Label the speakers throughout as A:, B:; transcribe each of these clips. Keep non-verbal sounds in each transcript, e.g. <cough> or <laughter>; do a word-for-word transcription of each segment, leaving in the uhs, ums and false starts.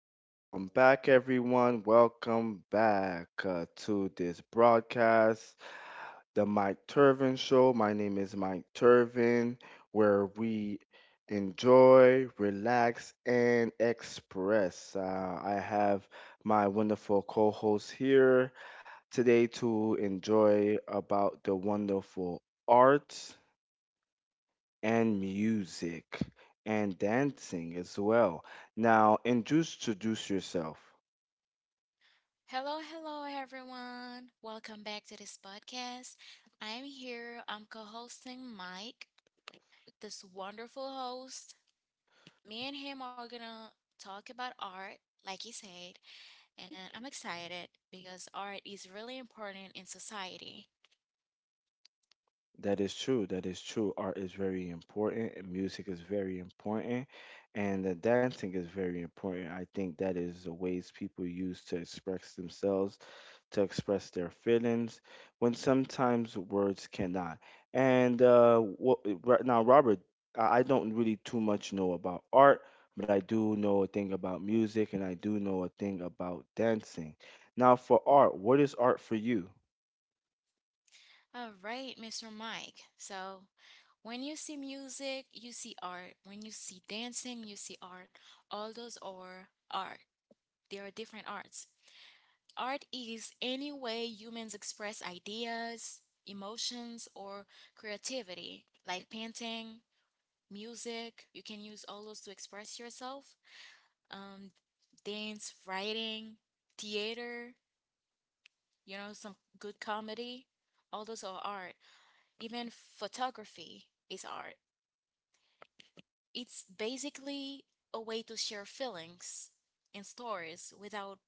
A: back, welcome back, everyone. Welcome back uh, to this broadcast, The Mike Turvin Show. My name is Mike Turvin, where we enjoy, relax, and express. Uh, I have my wonderful co host here today to enjoy about the wonderful art and music and dancing as well. Now, introduce yourself.
B: Hello, hello, everyone. Welcome back to this podcast. I'm here. I'm co hosting Mike, this wonderful host. Me and him are going to talk about art, like he said, and I'm excited because art is really important in society.
A: That is true. That is true. Art is very important, and music is very important, and the dancing is very important. I think that is the ways people use to express themselves, to express their feelings when sometimes words cannot. And uh, what, right now, Robert, I I don't really too much know about art, but I do know a thing about music and I do know a thing about dancing. Now, for art, what is art for you?
B: All right, Mister Mike. So, when you see music, you see art. When you see dancing, you see art. All those are art. There are different arts. Art is any way humans express ideas, emotions, or creativity, like painting, music. You can use all those to express yourself. Um, Dance, writing, theater, you know, some good comedy. All those are art. Even photography is art. It's basically a way to share feelings and stories without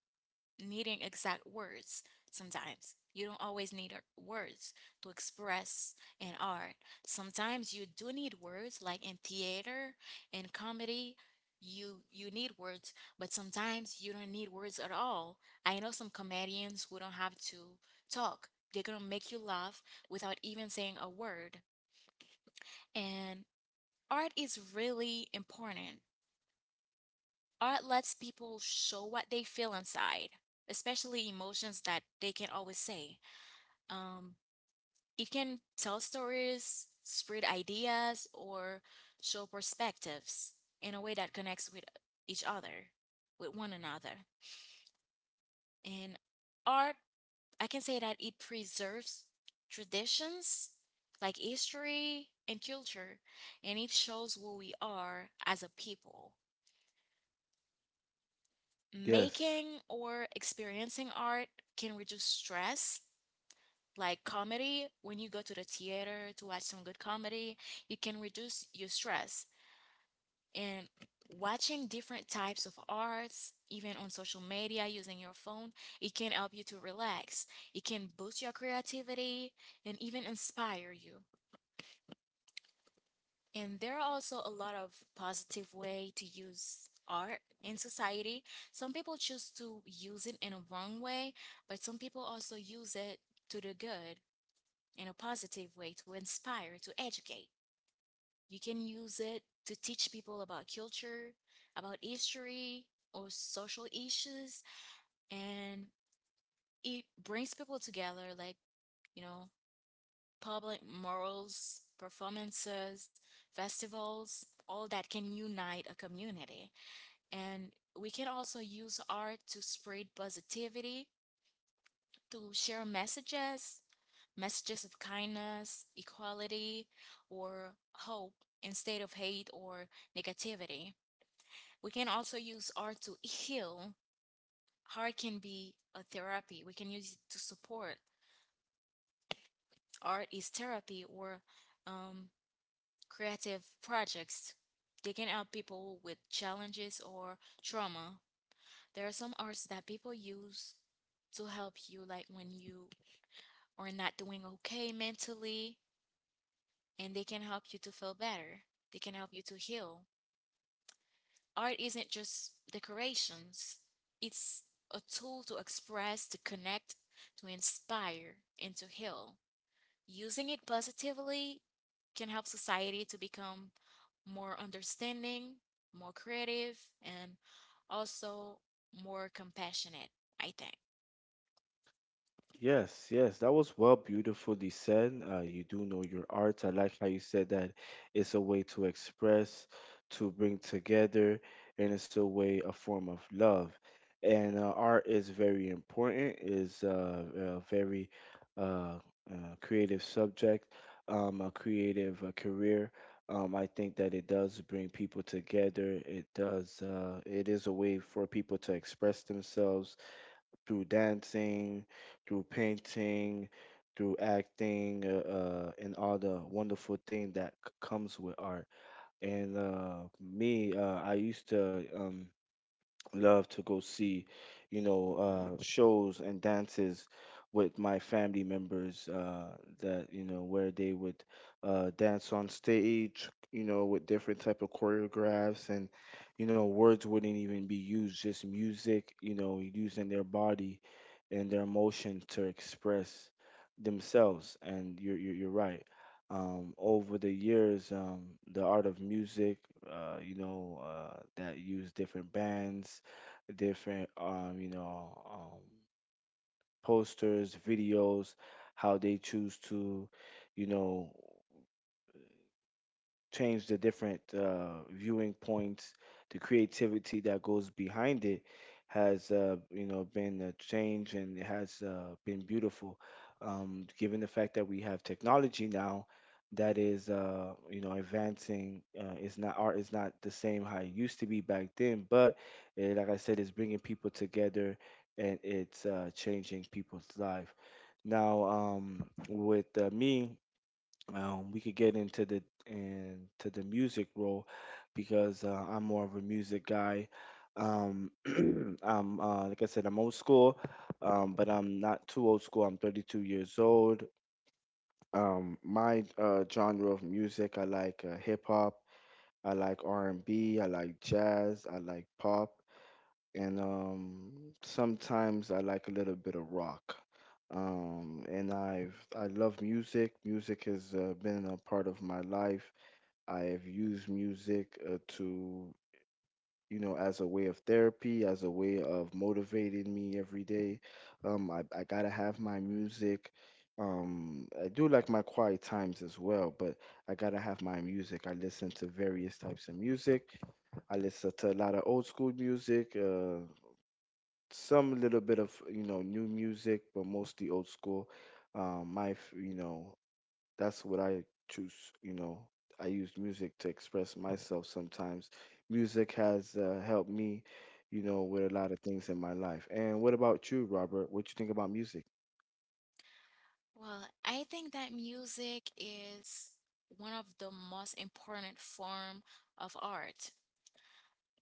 B: needing exact words sometimes. You don't always need uh, words to express in art. Sometimes you do need words like in theater in comedy you you need words, but sometimes you don't need words at all. I know some comedians who don't have to talk. They're going to make you laugh without even saying a word. And art is really important. Art lets people show what they feel inside, especially emotions that they can't always say. Um, it can tell stories, spread ideas, or show perspectives in a way that connects with each other, with one another. And art, I can say that it preserves traditions like history and culture, and it shows who we are as a people.
A: Yes.
B: Making or experiencing art can reduce stress. Like comedy, when you go to the theater to watch some good comedy, you can reduce your stress. And watching different types of arts, even on social media using your phone, it can help you to relax. It can boost your creativity and even inspire you. And there are also a lot of positive way to use art in society. Some people choose to use it in a wrong way, but some people also use it to the good, in a positive way to inspire, to educate. You can use it to teach people about culture, about history, or social issues, and it brings people together, like, you know, public morals, performances, festivals, all that can unite a community. And we can also use art to spread positivity, to share messages, messages of kindness, equality, or hope instead of hate or negativity. We can also use art to heal. Art can be a therapy. We can use it to support. Art is therapy or um, creative projects. They can help people with challenges or trauma. There are some arts that people use to help you, like when you are not doing okay mentally and they can help you to feel better. They can help you to heal. Art isn't just decorations, it's a tool to express, to connect, to inspire, and to heal. Using it positively can help society to become more understanding, more creative, and also more compassionate, I think.
A: Yes, yes, that was well beautifully said. Uh, you do know your art. I like how you said that it's a way to express, to bring together, and it's a way, a form of love. And uh, art is very important, is uh, a very, uh, uh, creative subject, um, a creative uh, career. Um, I think that it does bring people together. It does, uh, it is a way for people to express themselves through dancing, through painting, through acting, uh, uh, and all the wonderful thing that c- comes with art. And uh, me, uh, I used to, um, love to go see, you know, uh, shows and dances with my family members, uh, that, you know, where they would uh, dance on stage, you know, with different type of choreographs, and you know, words wouldn't even be used, just music, you know, using their body and their emotion to express themselves. And you're, you're, you're right. Um, over the years, um, the art of music, uh, you know, uh, that use different bands, different, um you know um posters, videos, how they choose to, you know, change the different uh, viewing points, the creativity that goes behind it has, uh, you know, been a change and it has uh, been beautiful. Um, given the fact that we have technology now that is, uh, you know, advancing, uh, it's not, art is not the same how it used to be back then, but eh, like I said, it's bringing people together and it's uh, changing people's life. Now, um, with uh, me, um, we could get into the into the music role, because uh, I'm more of a music guy. Um, <clears throat> I'm uh, like I said, I'm old school, um, but I'm not too old school. I'm thirty-two years old. Um, my uh, genre of music, I like uh, hip hop, I like R and B, I like jazz, I like pop and, um, sometimes I like a little bit of rock. Um, and I've I love music. Music has uh, been a part of my life. I have used music uh, to, you know as a way of therapy, as a way of motivating me every day. Um, I I gotta have my music. Um, I do like my quiet times as well, but I gotta have my music. I listen to various types of music. I listen to a lot of old school music, uh, some little bit of, you know, new music, but mostly old school. Um, my f- you know That's what I choose. You know, I use music to express myself sometimes. Music has uh, helped me, you know, with a lot of things in my life. And what about you, Robert? What you think about music?
B: Well, I think that music is one of the most important form of art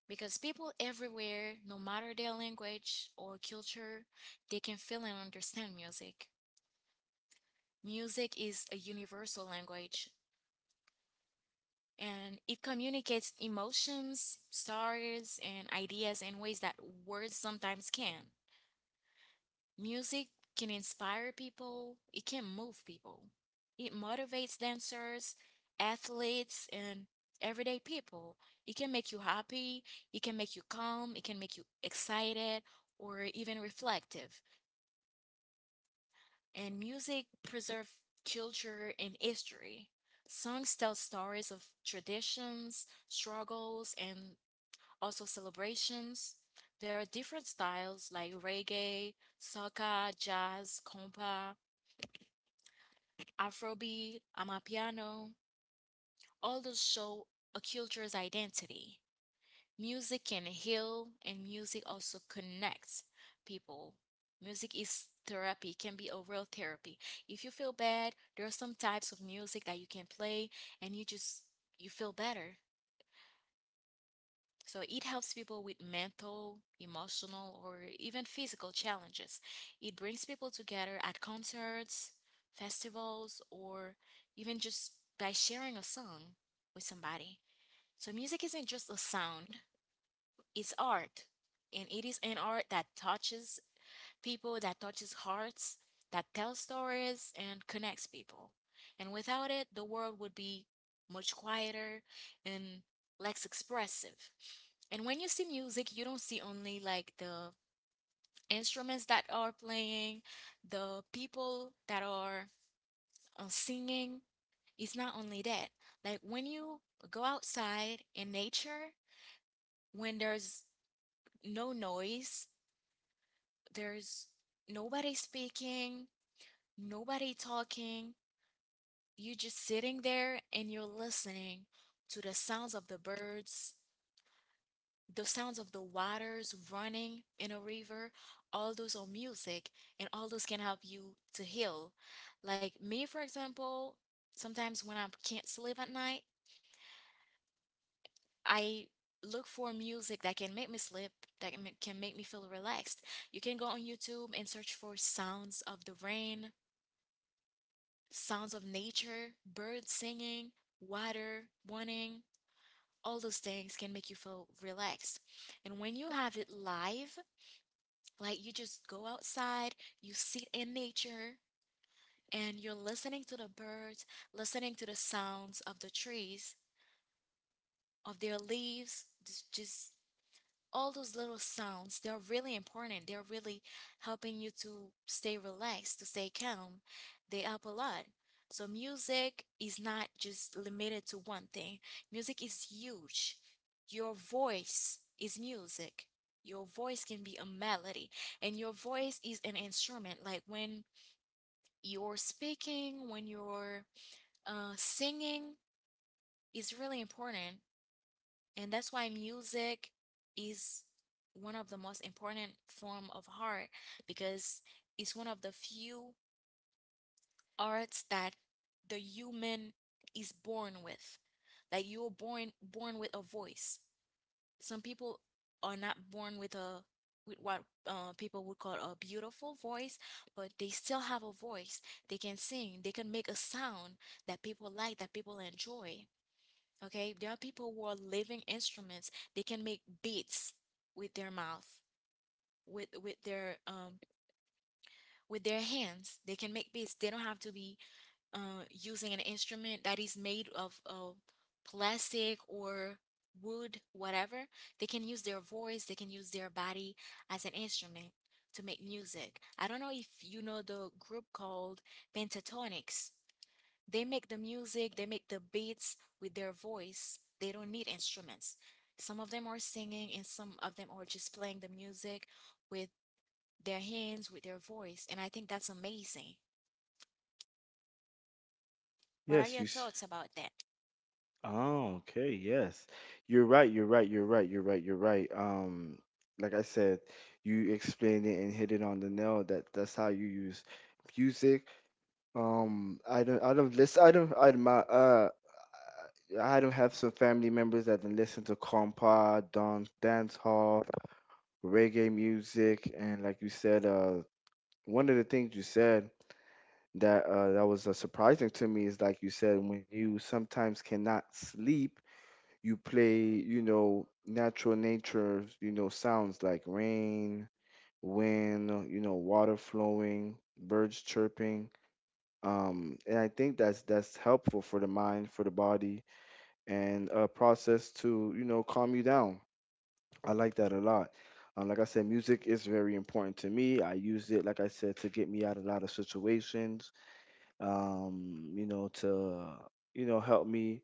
B: because people everywhere, no matter their language or culture, they can feel and understand music. Music is a universal language and it communicates emotions, stories, and ideas in ways that words sometimes can. Music can inspire people, it can move people. It motivates dancers, athletes, and everyday people. It can make you happy, it can make you calm, it can make you excited, or even reflective. And music preserves culture and history. Songs tell stories of traditions, struggles, and also celebrations. There are different styles like reggae, soca, jazz, compa, afrobeat, amapiano. All those show a culture's identity. Music can heal and music also connects people. Music is therapy, can be a real therapy. If you feel bad, there are some types of music that you can play and you just you feel better. So it helps people with mental, emotional, or even physical challenges. It brings people together at concerts, festivals, or even just by sharing a song with somebody. So music isn't just a sound, it's art. And it is an art that touches people, that touches hearts, that tells stories and connects people. And without it, the world would be much quieter and less expressive. And when you see music, you don't see only like the instruments that are playing, the people that are uh, singing. It's not only that. Like when you go outside in nature, when there's no noise, there's nobody speaking, nobody talking, you're just sitting there and you're listening to the sounds of the birds, the sounds of the waters running in a river. All those are music and all those can help you to heal. Like me, for example, sometimes when I can't sleep at night, I look for music that can make me sleep, that can make can make me feel relaxed. You can go on YouTube and search for sounds of the rain, sounds of nature, birds singing, water running, all those things can make you feel relaxed. And when you have it live, like you just go outside, you sit in nature, and you're listening to the birds, listening to the sounds of the trees, of their leaves, just, all those little sounds, they are really important, they're really helping you to stay relaxed, to stay calm, they help a lot. So music is not just limited to one thing. Music is huge. Your voice is music, your voice can be a melody, and your voice is an instrument. Like when you're speaking, when you're uh, singing, it's really important. And that's why music is one of the most important form of art, because it's one of the few arts that the human is born with. Like you're born born with a voice. Some people are not born with a with what uh, people would call a beautiful voice, but they still have a voice. They can sing, they can make a sound that people like, that people enjoy. Okay, there are people who are living instruments. They can make beats with their mouth, with with their um with their hands. They can make beats. They don't have to be uh using an instrument that is made of of plastic or wood, whatever. They can use their voice, they can use their body as an instrument to make music. I don't know if you know the group called Pentatonics. They make the music, they make the beats with their voice. They don't need instruments. Some of them are singing and some of them are just playing the music with their hands, with their voice. And I think that's amazing. What are
A: Yes,
B: your
A: you. s-
B: thoughts about that?
A: Oh, okay. Yes, you're right. You're right. You're right. You're right. You're right. Um, like I said, you explained it and hit it on the nail. That that's how you use music. Um, I don't, I don't listen, I don't, I admire, uh, I don't have some family members that can listen to compa, don dance hall, reggae music, and like you said, uh, one of the things you said that, uh, that was uh, surprising to me, is like you said, when you sometimes cannot sleep, you play, you know, natural nature, you know, sounds like rain, wind, you know, water flowing, birds chirping, um, and I think that's that's helpful for the mind, for the body, and a process to, you know, calm you down. I like that a lot. Um, like I said, music is very important to me. I use it, like I said, to get me out of a lot of situations, um, you know, to you know help me,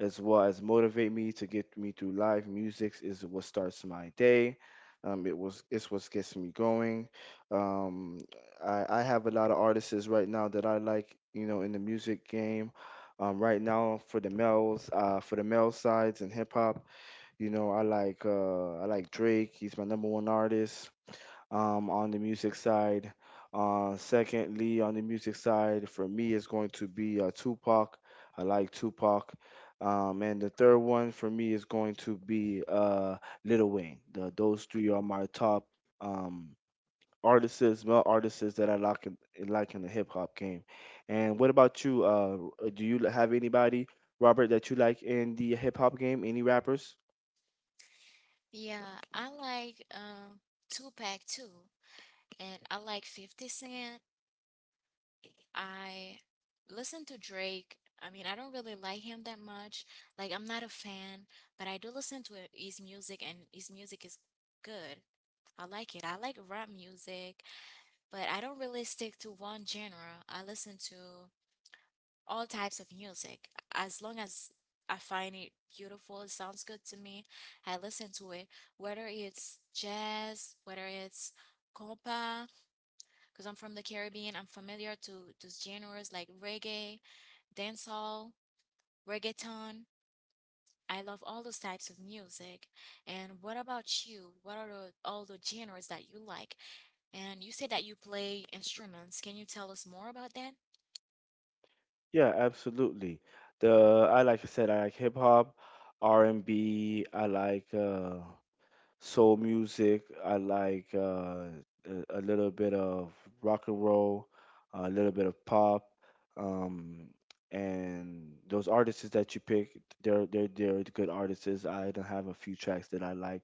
A: as well as motivate me to get me through life. Music is what starts my day. Um, it was it's what gets me going. Um, I, I have a lot of artists right now that I like, you know, in the music game. Um, right now for the males, uh, for the male sides in hip hop, you know, I like uh, I like Drake. He's my number one artist um, on the music side. Uh, secondly, on the music side, for me, it's going to be uh, Tupac. I like Tupac. Um, and the third one for me is going to be uh, Lil Wayne. The, those three are my top, um, artists, male artists that I like in, like in the hip hop game. And what about you? Uh, do you have anybody, Robert, that you like in the hip hop game? Any rappers?
B: Yeah, I like um Tupac too. And I like fifty Cent. I listen to Drake. I mean, I don't really like him that much. Like, I'm not a fan, but I do listen to his music, and his music is good. I like it. I like rap music, but I don't really stick to one genre. I listen to all types of music. As long as I find it beautiful, it sounds good to me, I listen to it. Whether it's jazz, whether it's compa, because I'm from the Caribbean, I'm familiar to those genres like reggae, dancehall, reggaeton. I love all those types of music. And what about you? What are the, all the genres that you like? And you said that you play instruments. Can you tell us more about that?
A: Yeah, absolutely. The I like I said, I like hip hop, R and B. I like uh, soul music. I like, uh, a, a little bit of rock and roll, a little bit of pop, um, and those artists that you pick, they're they're they're good artists. I don't have a few tracks that I like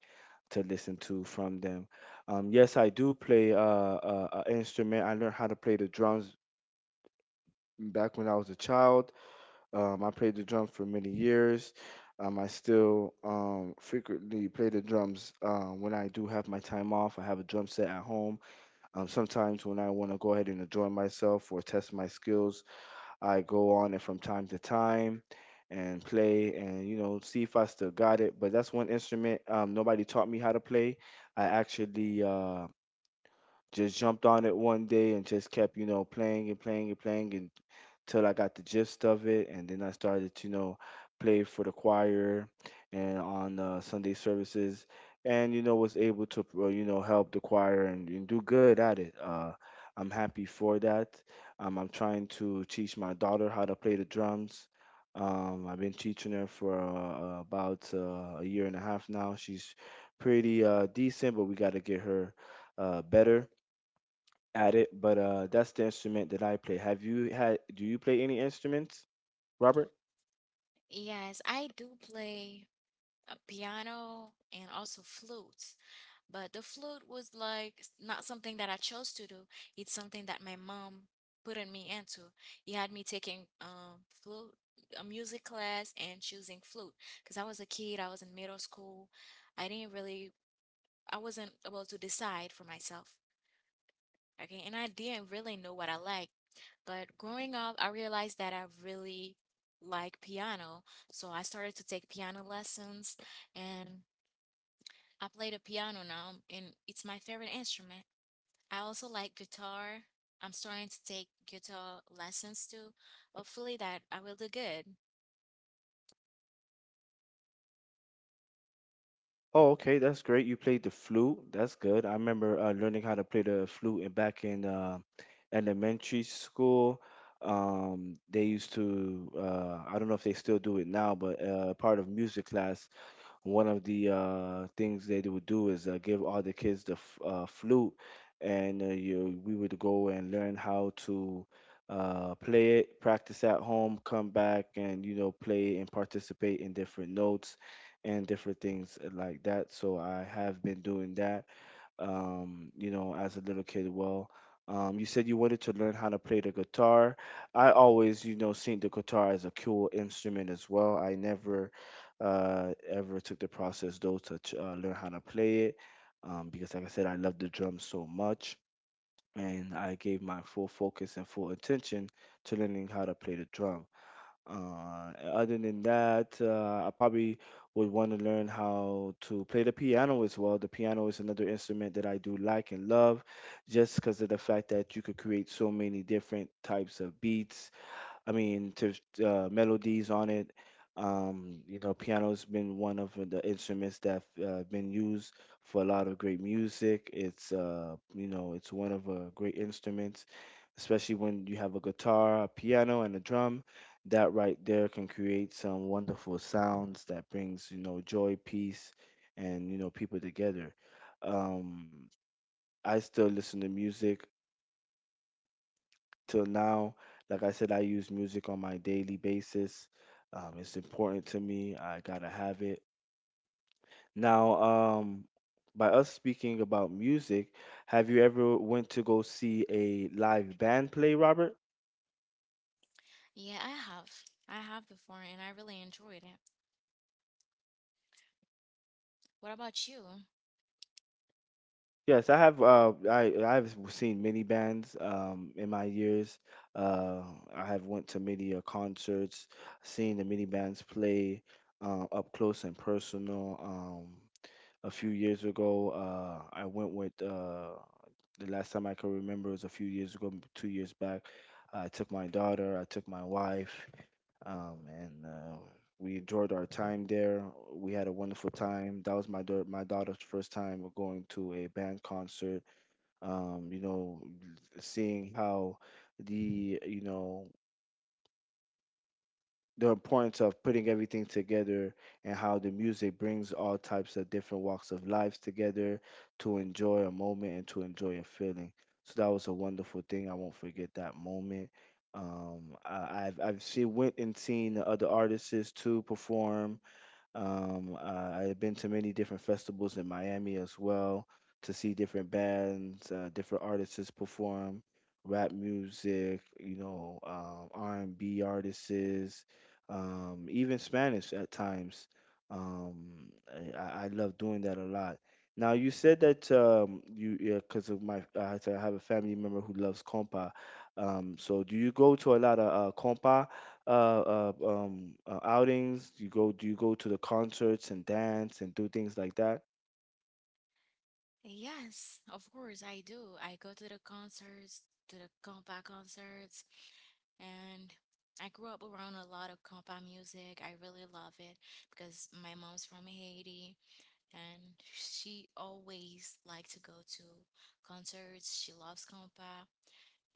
A: to listen to from them. Um, yes, I do play uh, a, a instrument. I learned how to play the drums back when I was a child. Um, I played the drums for many years. Um, I still um, frequently play the drums um, when I do have my time off. I have a drum set at home. Um, sometimes when I want to go ahead and enjoy myself or test my skills, I go on and from time to time and play and, you know, see if I still got it. But that's one instrument um, nobody taught me how to play. I actually uh, just jumped on it one day and just kept, you know, playing and playing and playing, and till I got the gist of it, and then I started to, you know, play for the choir and on uh, Sunday services, and, you know, was able to uh, you know, help the choir and, and do good at it. Uh, I'm happy for that. Um, I'm trying to teach my daughter how to play the drums. Um, I've been teaching her for uh, about uh, a year and a half now. She's pretty uh, decent, but we got to get her uh, better at it, but uh, that's the instrument that I play. Have you had? Do you play any instruments, Robert?
B: Yes, I do play uh, piano and also flutes. But the flute was like s- not something that I chose to do. It's something that my mom put in me into. He had me taking um flute a music class and choosing flute because I was a kid, I was in middle school. I didn't really I wasn't able to decide for myself. Okay, and I didn't really know what I liked. But growing up, I realized that I really like piano. So I started to take piano lessons and I play the piano now, and it's my favorite instrument. I also like guitar. I'm starting to take guitar lessons too. Hopefully that I will do good.
A: Oh, okay, that's great. You played the flute. That's good. I remember uh, learning how to play the flute in, back in uh, elementary school. Um, they used to. Uh, I don't know if they still do it now, but uh, part of music class, one of the uh, things they would do is uh, give all the kids the f- uh, flute, and uh, you, we would go and learn how to uh, play it, practice at home, come back, and, you know, play and participate in different notes and different things uh, like that. So I have been doing that, um, you know, as a little kid. Well, um, you said you wanted to learn how to play the guitar. I always, you know, seen the guitar as a cool instrument as well. I never uh, ever took the process though to ch- uh, learn how to play it, um, because, like I said, I love the drums so much. And I gave my full focus and full attention to learning how to play the drum. Uh, other than that, uh, I probably would want to learn how to play the piano as well. The piano is another instrument that I do like and love, just because of the fact that you could create so many different types of beats, I mean, to uh, melodies on it. Um, you know, piano's been one of the instruments that uh, been used for a lot of great music. It's uh, you know, it's one of uh, great instruments, especially when you have a guitar, a piano, and a drum. That right there can create some wonderful sounds that brings, you know, joy, peace, and, you know, people together. Um, I still listen to music till now. Like I said, I use music on my daily basis. Um, it's important to me. I gotta have it. Now, um, by us speaking about music, have you ever went to go see a live band play, Robert?
B: Yeah, I have. I have before and I really enjoyed it. What about you?
A: Yes, I have. Uh, I I've seen many bands um, in my years. Uh, I have went to many uh, concerts, seen the many bands play uh, up close and personal. Um, a few years ago. Uh, I went with uh, the last time I can remember was a few years ago, m- two years back. I took my daughter, I took my wife, um, and uh, we enjoyed our time there. We had a wonderful time. That was my daughter, my daughter's first time going to a band concert. Um, you know, seeing how the you know the importance of putting everything together, and how the music brings all types of different walks of lives together to enjoy a moment and to enjoy a feeling. So that was a wonderful thing. I won't forget that moment. Um, I, I've I've seen went and seen the other artists too perform um, uh, I've been to many different festivals in Miami as well to see different bands, uh, different artists perform rap music, you know, um, R and B artists, um, even Spanish at times. Um, I, I I love doing that a lot. Now you said that um, you yeah, because of my, I have to- I have a family member who loves compa. Um, so do you go to a lot of uh, compa, uh, uh um uh, outings? Do you go do you go to the concerts and dance and do things like that?
B: Yes, of course I do. I go to the concerts, to the compa concerts, and I grew up around a lot of compa music. I really love it because my mom's from Haiti and she always liked to go to concerts. She loves compa,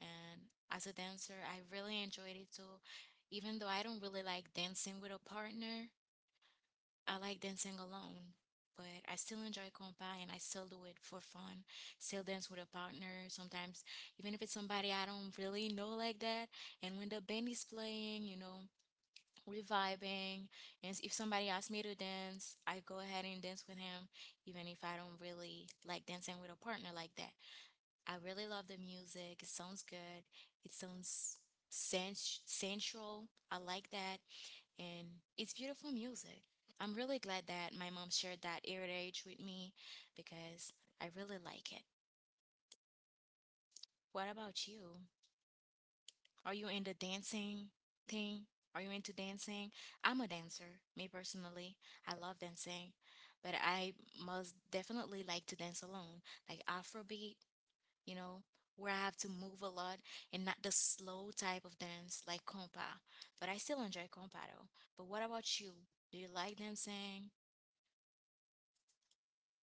B: and as a dancer, I really enjoyed it too. Even though I don't really like dancing with a partner, I like dancing alone, but I still enjoy compa and I still do it for fun. Still dance with a partner sometimes, even if it's somebody I don't really know like that. And when the band is playing, you know, we're vibing. And if somebody asks me to dance, I go ahead and dance with him, even if I don't really like dancing with a partner like that. I really love the music. It sounds good. It sounds sens- sensual. I like that, and it's beautiful music. I'm really glad that my mom shared that heritage with me because I really like it. What about you? Are you into dancing thing? Are you into dancing? I'm a dancer, me personally. I love dancing, but I must definitely like to dance alone, like Afrobeat, you know, where I have to move a lot, and not the slow type of dance like compa. But I still enjoy compa though. But what about you? Do you like dancing?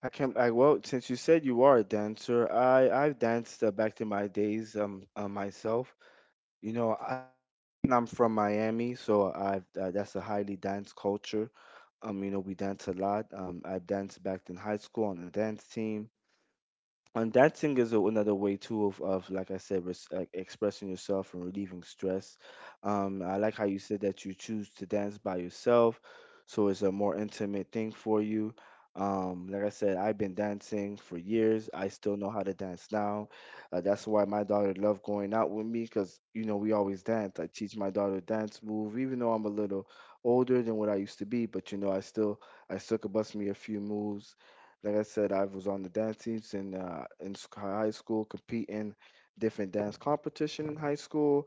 A: I can I Well, since you said you are a dancer, I I've danced uh, back to my days um uh, myself. You know, I, I'm from Miami, so I've uh, that's a highly dance culture. Um, you know, we dance a lot. Um, I've danced back in high school on the dance team. And dancing is a, another way too of, of like I said, res, like expressing yourself and relieving stress. um I like how you said that you choose to dance by yourself, so it's a more intimate thing for you. Um like I said, I've been dancing for years. I still know how to dance now. Uh, that's why my daughter loved going out with me, because you know we always dance. I teach my daughter dance move, even though I'm a little older than what I used to be, but you know i still i still could bust me a few moves. Like I said, I was on the dance teams in uh, in sc- high school, competing different dance competition in high school.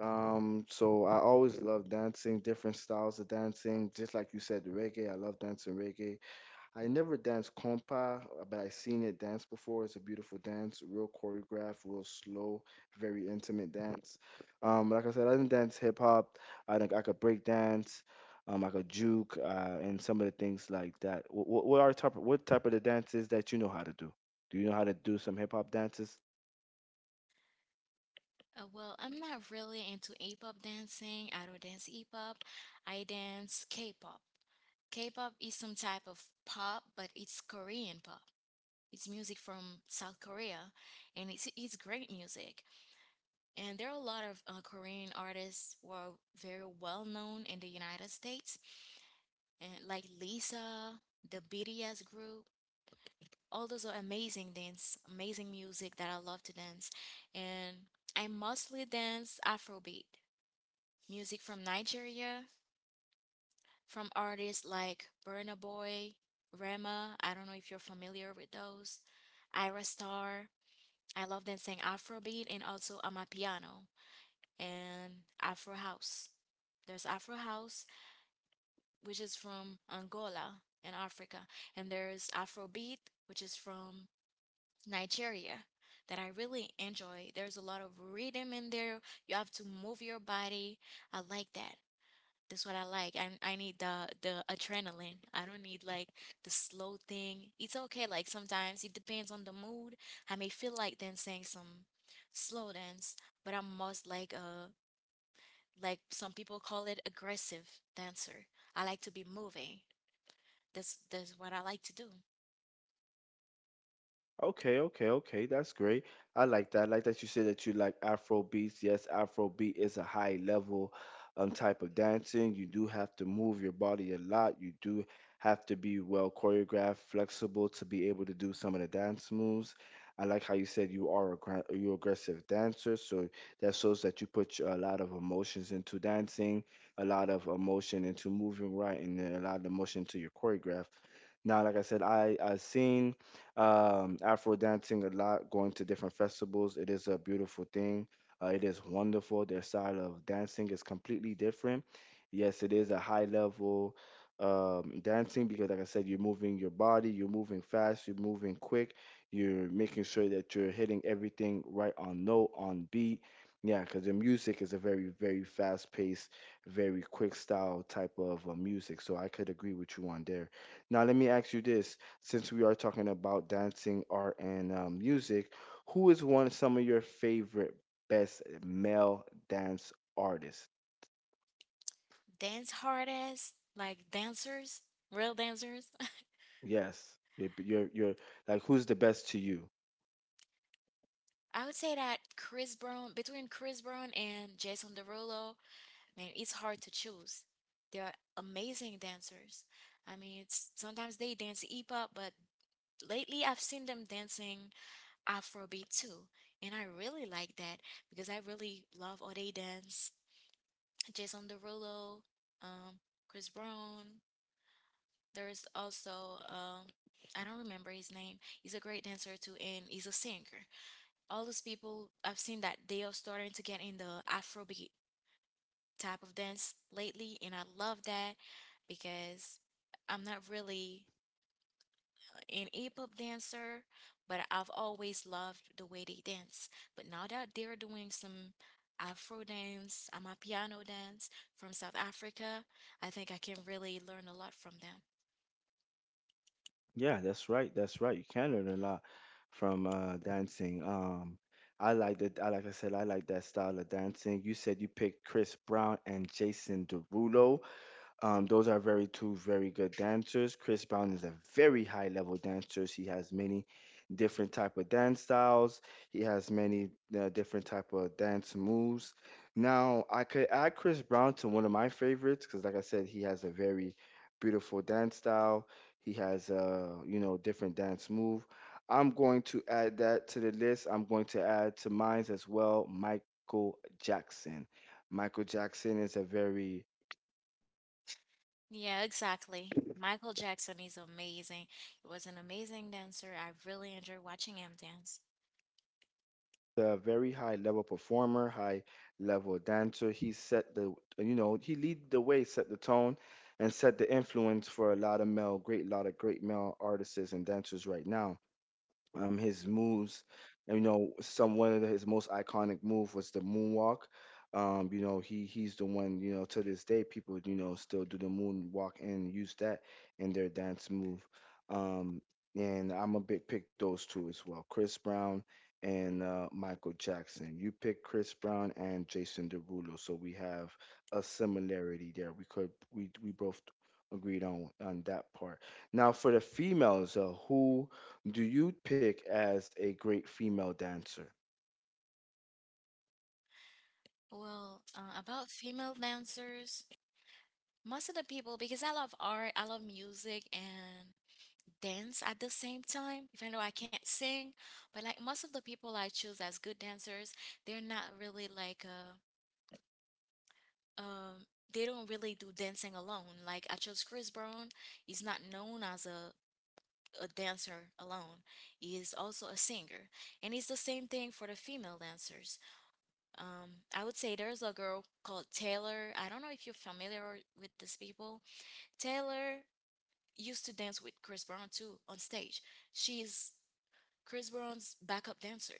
A: Um, so I always loved dancing, different styles of dancing. Just like you said, reggae. I love dancing reggae. I never danced compa, but I seen it dance before. It's a beautiful dance, real choreographed, real slow, very intimate dance. Um, like I said, I didn't dance hip hop. I think I could break dance. Um, I could juke, uh, and some of the things like that. What, what are type? What type of the dances that you know how to do? Do you know how to do some hip hop dances?
B: Uh, well, I'm not really into A-pop dancing. I don't dance E-pop. I dance K-pop. K-pop is some type of pop, but it's Korean pop. It's music from South Korea, and it's it's great music. And there are a lot of uh, Korean artists who are very well known in the United States, and like Lisa, the B T S group. All those are amazing dance, amazing music that I love to dance, and I mostly dance Afrobeat music from Nigeria, from artists like Burna Boy, Rema. I don't know if you're familiar with those. Ira Star. I love them, dancing Afrobeat and also Amapiano and Afro House. There's Afro House, which is from Angola in Africa, and there's Afrobeat, which is from Nigeria, that I really enjoy. There's a lot of rhythm in there. You have to move your body. I like that. That's what I like. I I need the the adrenaline. I don't need like the slow thing. It's okay. Like sometimes it depends on the mood. I may feel like dancing some slow dance, but I'm most like a like some people call it aggressive dancer. I like to be moving. That's that's what I like to do.
A: Okay, okay, okay. That's great. I like that. I like that you said that you like Afro beats. Yes, Afro beat is a high level um type of dancing. You do have to move your body a lot. You do have to be well choreographed, flexible to be able to do some of the dance moves. I like how you said you are a gra- you aggressive dancer, so that shows that you put a lot of emotions into dancing, a lot of emotion into moving right, and then a lot of emotion to your choreograph. Now, like I said, I I seen um, Afro dancing a lot, going to different festivals. It is a beautiful thing. Uh, it is wonderful. Their style of dancing is completely different. Yes, it is a high level um, dancing because, like I said, you're moving your body, you're moving fast, you're moving quick, you're making sure that you're hitting everything right on note, on beat. Yeah, because the music is a very, very fast paced, very quick style type of uh, music. So I could agree with you on there. Now, let me ask you this, since we are talking about dancing, art, and um, music, who is one of some of your favorite best male dance artists?
B: Dance hard as like dancers, real dancers. <laughs>
A: Yes, you're, you're, you're like, who's the best to you?
B: I would say that Chris Brown, between Chris Brown and Jason Derulo, I mean, it's hard to choose. They are amazing dancers. I mean, it's, sometimes they dance hip hop, but lately I've seen them dancing Afrobeat too. And I really like that because I really love how they dance, Jason Derulo, um, Chris Brown. There's also, um, I don't remember his name. He's a great dancer too, and he's a singer. All those people I've seen that they are starting to get in the Afrobeat type of dance lately, and I love that because I'm not really an hip-hop dancer, but I've always loved the way they dance. But now that they're doing some Afro dance, Amapiano dance from South Africa, I think I can really learn a lot from them.
A: Yeah, that's right, that's right. You can learn a lot from uh, dancing. Um, I like that. I like I said, I like that style of dancing. You said you picked Chris Brown and Jason Derulo. Um, those are very two very good dancers. Chris Brown is a very high level dancer. He has many different type of dance styles. He has many uh, different type of dance moves. Now I could add Chris Brown to one of my favorites because, like I said, he has a very beautiful dance style. He has uh, you know different dance move. I'm going to add that to the list. I'm going to add to mine as well, Michael Jackson. Michael Jackson is a very
B: Yeah, exactly. Michael Jackson is amazing. He was an amazing dancer. I really enjoy watching him dance.
A: a very high level performer, high level dancer. He set the, you know, he lead the way, set the tone, and set the influence for a lot of male, great lot of great male artists and dancers right now, um his moves. And, you know, some one of the, his most iconic move was the moonwalk. Um, you know, he he's the one, you know, to this day people, you know, still do the moonwalk and use that in their dance move. Um, and I'm a big pick those two as well, Chris Brown and uh, Michael Jackson. You pick Chris Brown and Jason Derulo, so we have a similarity there. We could we we both agreed on on that part. Now for the females, uh, who do you pick as a great female dancer?
B: Well, uh, about female dancers, most of the people, because I love art, I love music and dance at the same time, even though I can't sing. But like most of the people I choose as good dancers, they're not really like uh um they don't really do dancing alone. Like I chose Chris Brown, he's not known as a a dancer alone. He is also a singer. And it's the same thing for the female dancers. Um I would say there's a girl called Taylor. I don't know if you're familiar with these people. Taylor used to dance with Chris Brown too on stage. She's Chris Brown's backup dancer.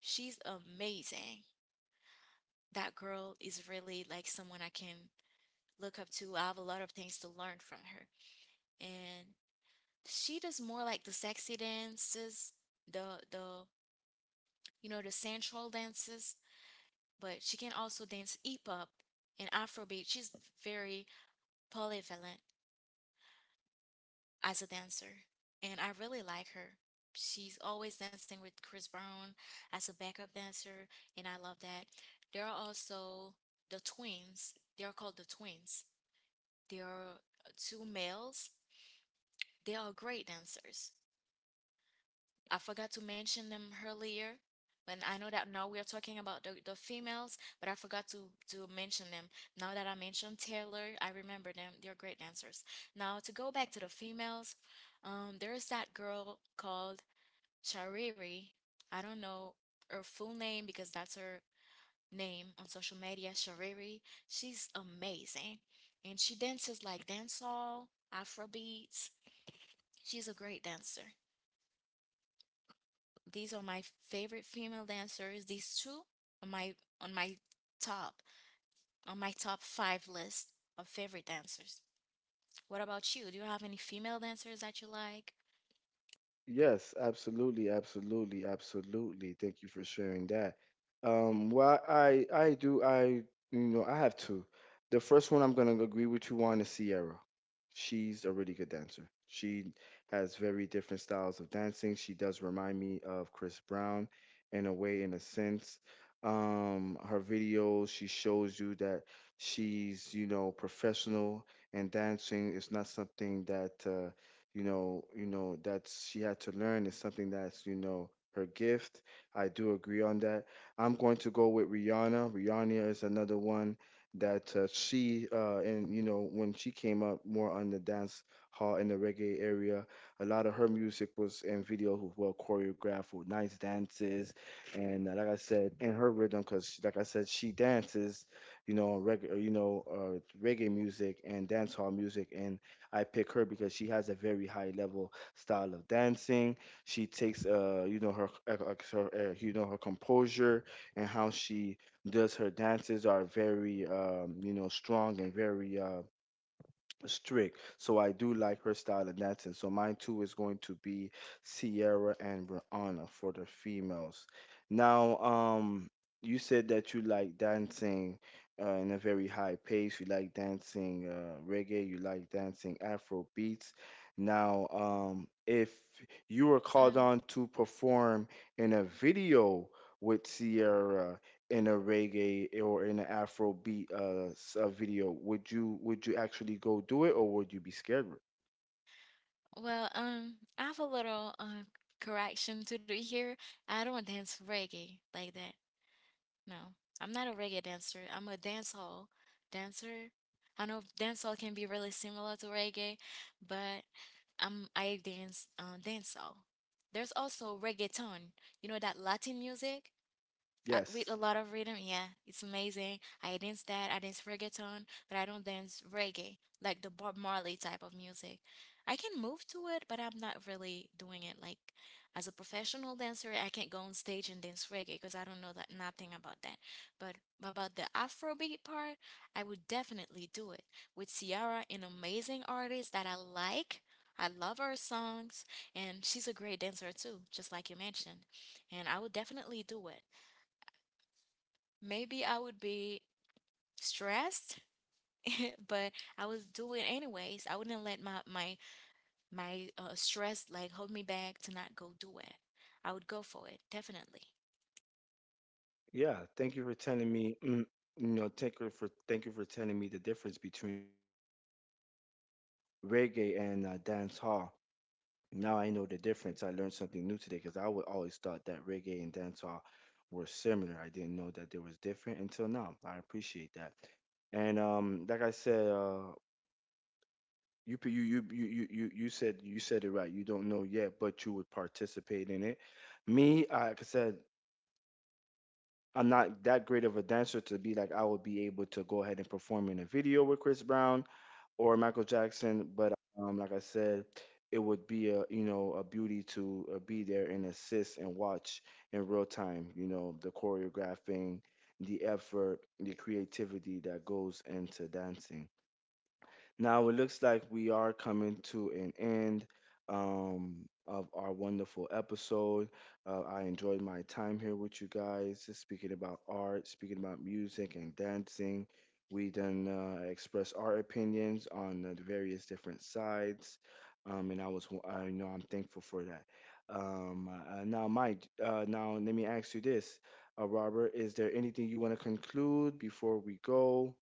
B: She's amazing. That girl is really like someone I can look up to. I have a lot of things to learn from her. And she does more like the sexy dances, the the you know, the sensual dances, but she can also dance hip hop and Afrobeat. She's very polyvalent as a dancer, and I really like her. She's always dancing with Chris Brown as a backup dancer, and I love that. There are also the twins. They are called the twins. They are uh, two males. They are great dancers. I forgot to mention them earlier, but I know that now we are talking about the, the females, but I forgot to, to mention them. Now that I mentioned Taylor, I remember them. They're great dancers. Now, to go back to the females, um, there's that girl called Shariri. I don't know her full name because that's her name on social media, Shariri. She's amazing. And she dances like dancehall, afrobeats. She's a great dancer. These are my favorite female dancers. These two on my on my top on my top five list of favorite dancers. What about you? Do you have any female dancers that you like?
A: Yes, absolutely, absolutely, absolutely. Thank you for sharing that. Um, well, I I do I you know I have two. The first one I'm gonna agree with you on is Sierra. She's a really good dancer. She has very different styles of dancing. She does remind me of Chris Brown in a way, in a sense. Um, her videos, she shows you that she's, you know, professional, and dancing is not something that uh, you know you know that she had to learn. Is something that's you know her gift. I do agree on that. I'm going to go with rihanna Rihanna is another one that uh, she uh, and you know when she came up more on the dance hall in the reggae area, a lot of her music was and video who were choreographed with nice dances. And uh, like I said in her rhythm, because like I said, she dances you know reg- uh, you know uh, reggae music and dance hall music. And I pick her because she has a very high level style of dancing. She takes uh you know her, uh, uh, her uh, you know her composure, and how she does her dances are very um you know strong and very uh strict. So I do like her style, and that's it. So mine too is going to be Sierra and Rihanna for the females. Now, um, you said that you like dancing uh, in a very high pace. You like dancing uh, reggae. You like dancing Afro beats. Now, um, if you were called
B: Um,
A: on to perform in a video with Sierra, in a reggae or in an Afro beat uh, s- uh video, would you would you actually go do it, or would you be scared?
B: Well, um, I have a little uh, correction to do here. I don't dance reggae like that. No, I'm not a reggae dancer. I'm a dance hall dancer. I know dance hall can be really similar to reggae, but I'm I dance uh, dance hall. There's also reggaeton. You know that Latin music? I, with
A: Yes.
B: a lot of rhythm, yeah, it's amazing. I dance that, I dance reggaeton, but I don't dance reggae, like the Bob Marley type of music. I can move to it, but I'm not really doing it like as a professional dancer. I can't go on stage and dance reggae because I don't know that nothing about that. But about the Afrobeat part, I would definitely do it with Ciara, an amazing artist that I like. I love her songs, and she's a great dancer too, just like you mentioned. And I would definitely do it. Maybe I would be stressed, <laughs> but I would do it anyways. I wouldn't let my my my uh, stress like hold me back to not go do it. I would go for it, definitely.
A: Yeah. Thank you for telling me. mm, You know, thank you for thank you for telling me the difference between reggae and uh, dance hall. Now I know the difference. I learned something new today, because I would always thought that reggae and dance hall were similar. I didn't know that there was different until now. I appreciate that. And um, like I said, uh, You p- you you you you you you said you said it right. You don't know yet, but you would participate in it. Me, I- like I said, I'm not that great of a dancer to be like I would be able to go ahead and perform in a video with Chris Brown or Michael Jackson. But um, like I said, it would be a you know a beauty to uh, be there and assist and watch in real time. You know the choreographing, the effort, the creativity that goes into dancing. Now it looks like we are coming to an end um, of our wonderful episode. Uh, I enjoyed my time here with you guys, just speaking about art, speaking about music and dancing. We then uh, express our opinions on the various different sides, um, and I was, I you know, I'm thankful for that. Um, uh, now, Mike, uh, now, let me ask you this, uh, Robert, is there anything you want to conclude before we go?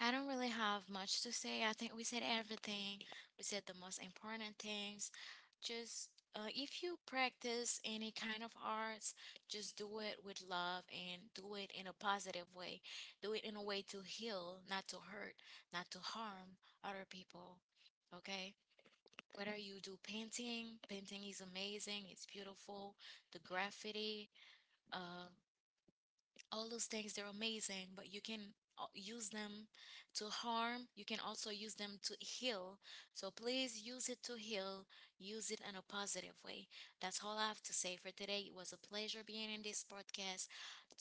B: I don't really have much to say. I think we said everything. We said the most important things. Just uh, if you practice any kind of arts, just do it with love and do it in a positive way. Do it in a way to heal, not to hurt, not to harm other people. Okay? Whether you do painting, painting is amazing, it's beautiful, the graffiti, uh, all those things, they're amazing, but you can uh, use them to harm. You can also use them to heal. So please use it to heal, use it in a positive way. That's all I have to say for today. It was a pleasure being in this podcast,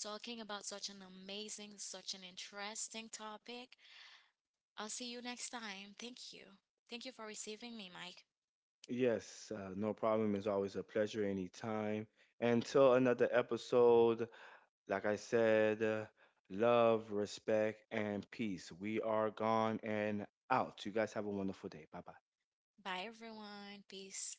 B: talking about such an amazing, such an interesting topic. I'll see you next time. Thank you. Thank you for receiving me, Mike.
A: Yes, uh, no problem. It's always a pleasure anytime. Until another episode, like I said, uh, love, respect, and peace. We are gone and out. You guys have a wonderful day. Bye bye.
B: Bye, everyone. Peace.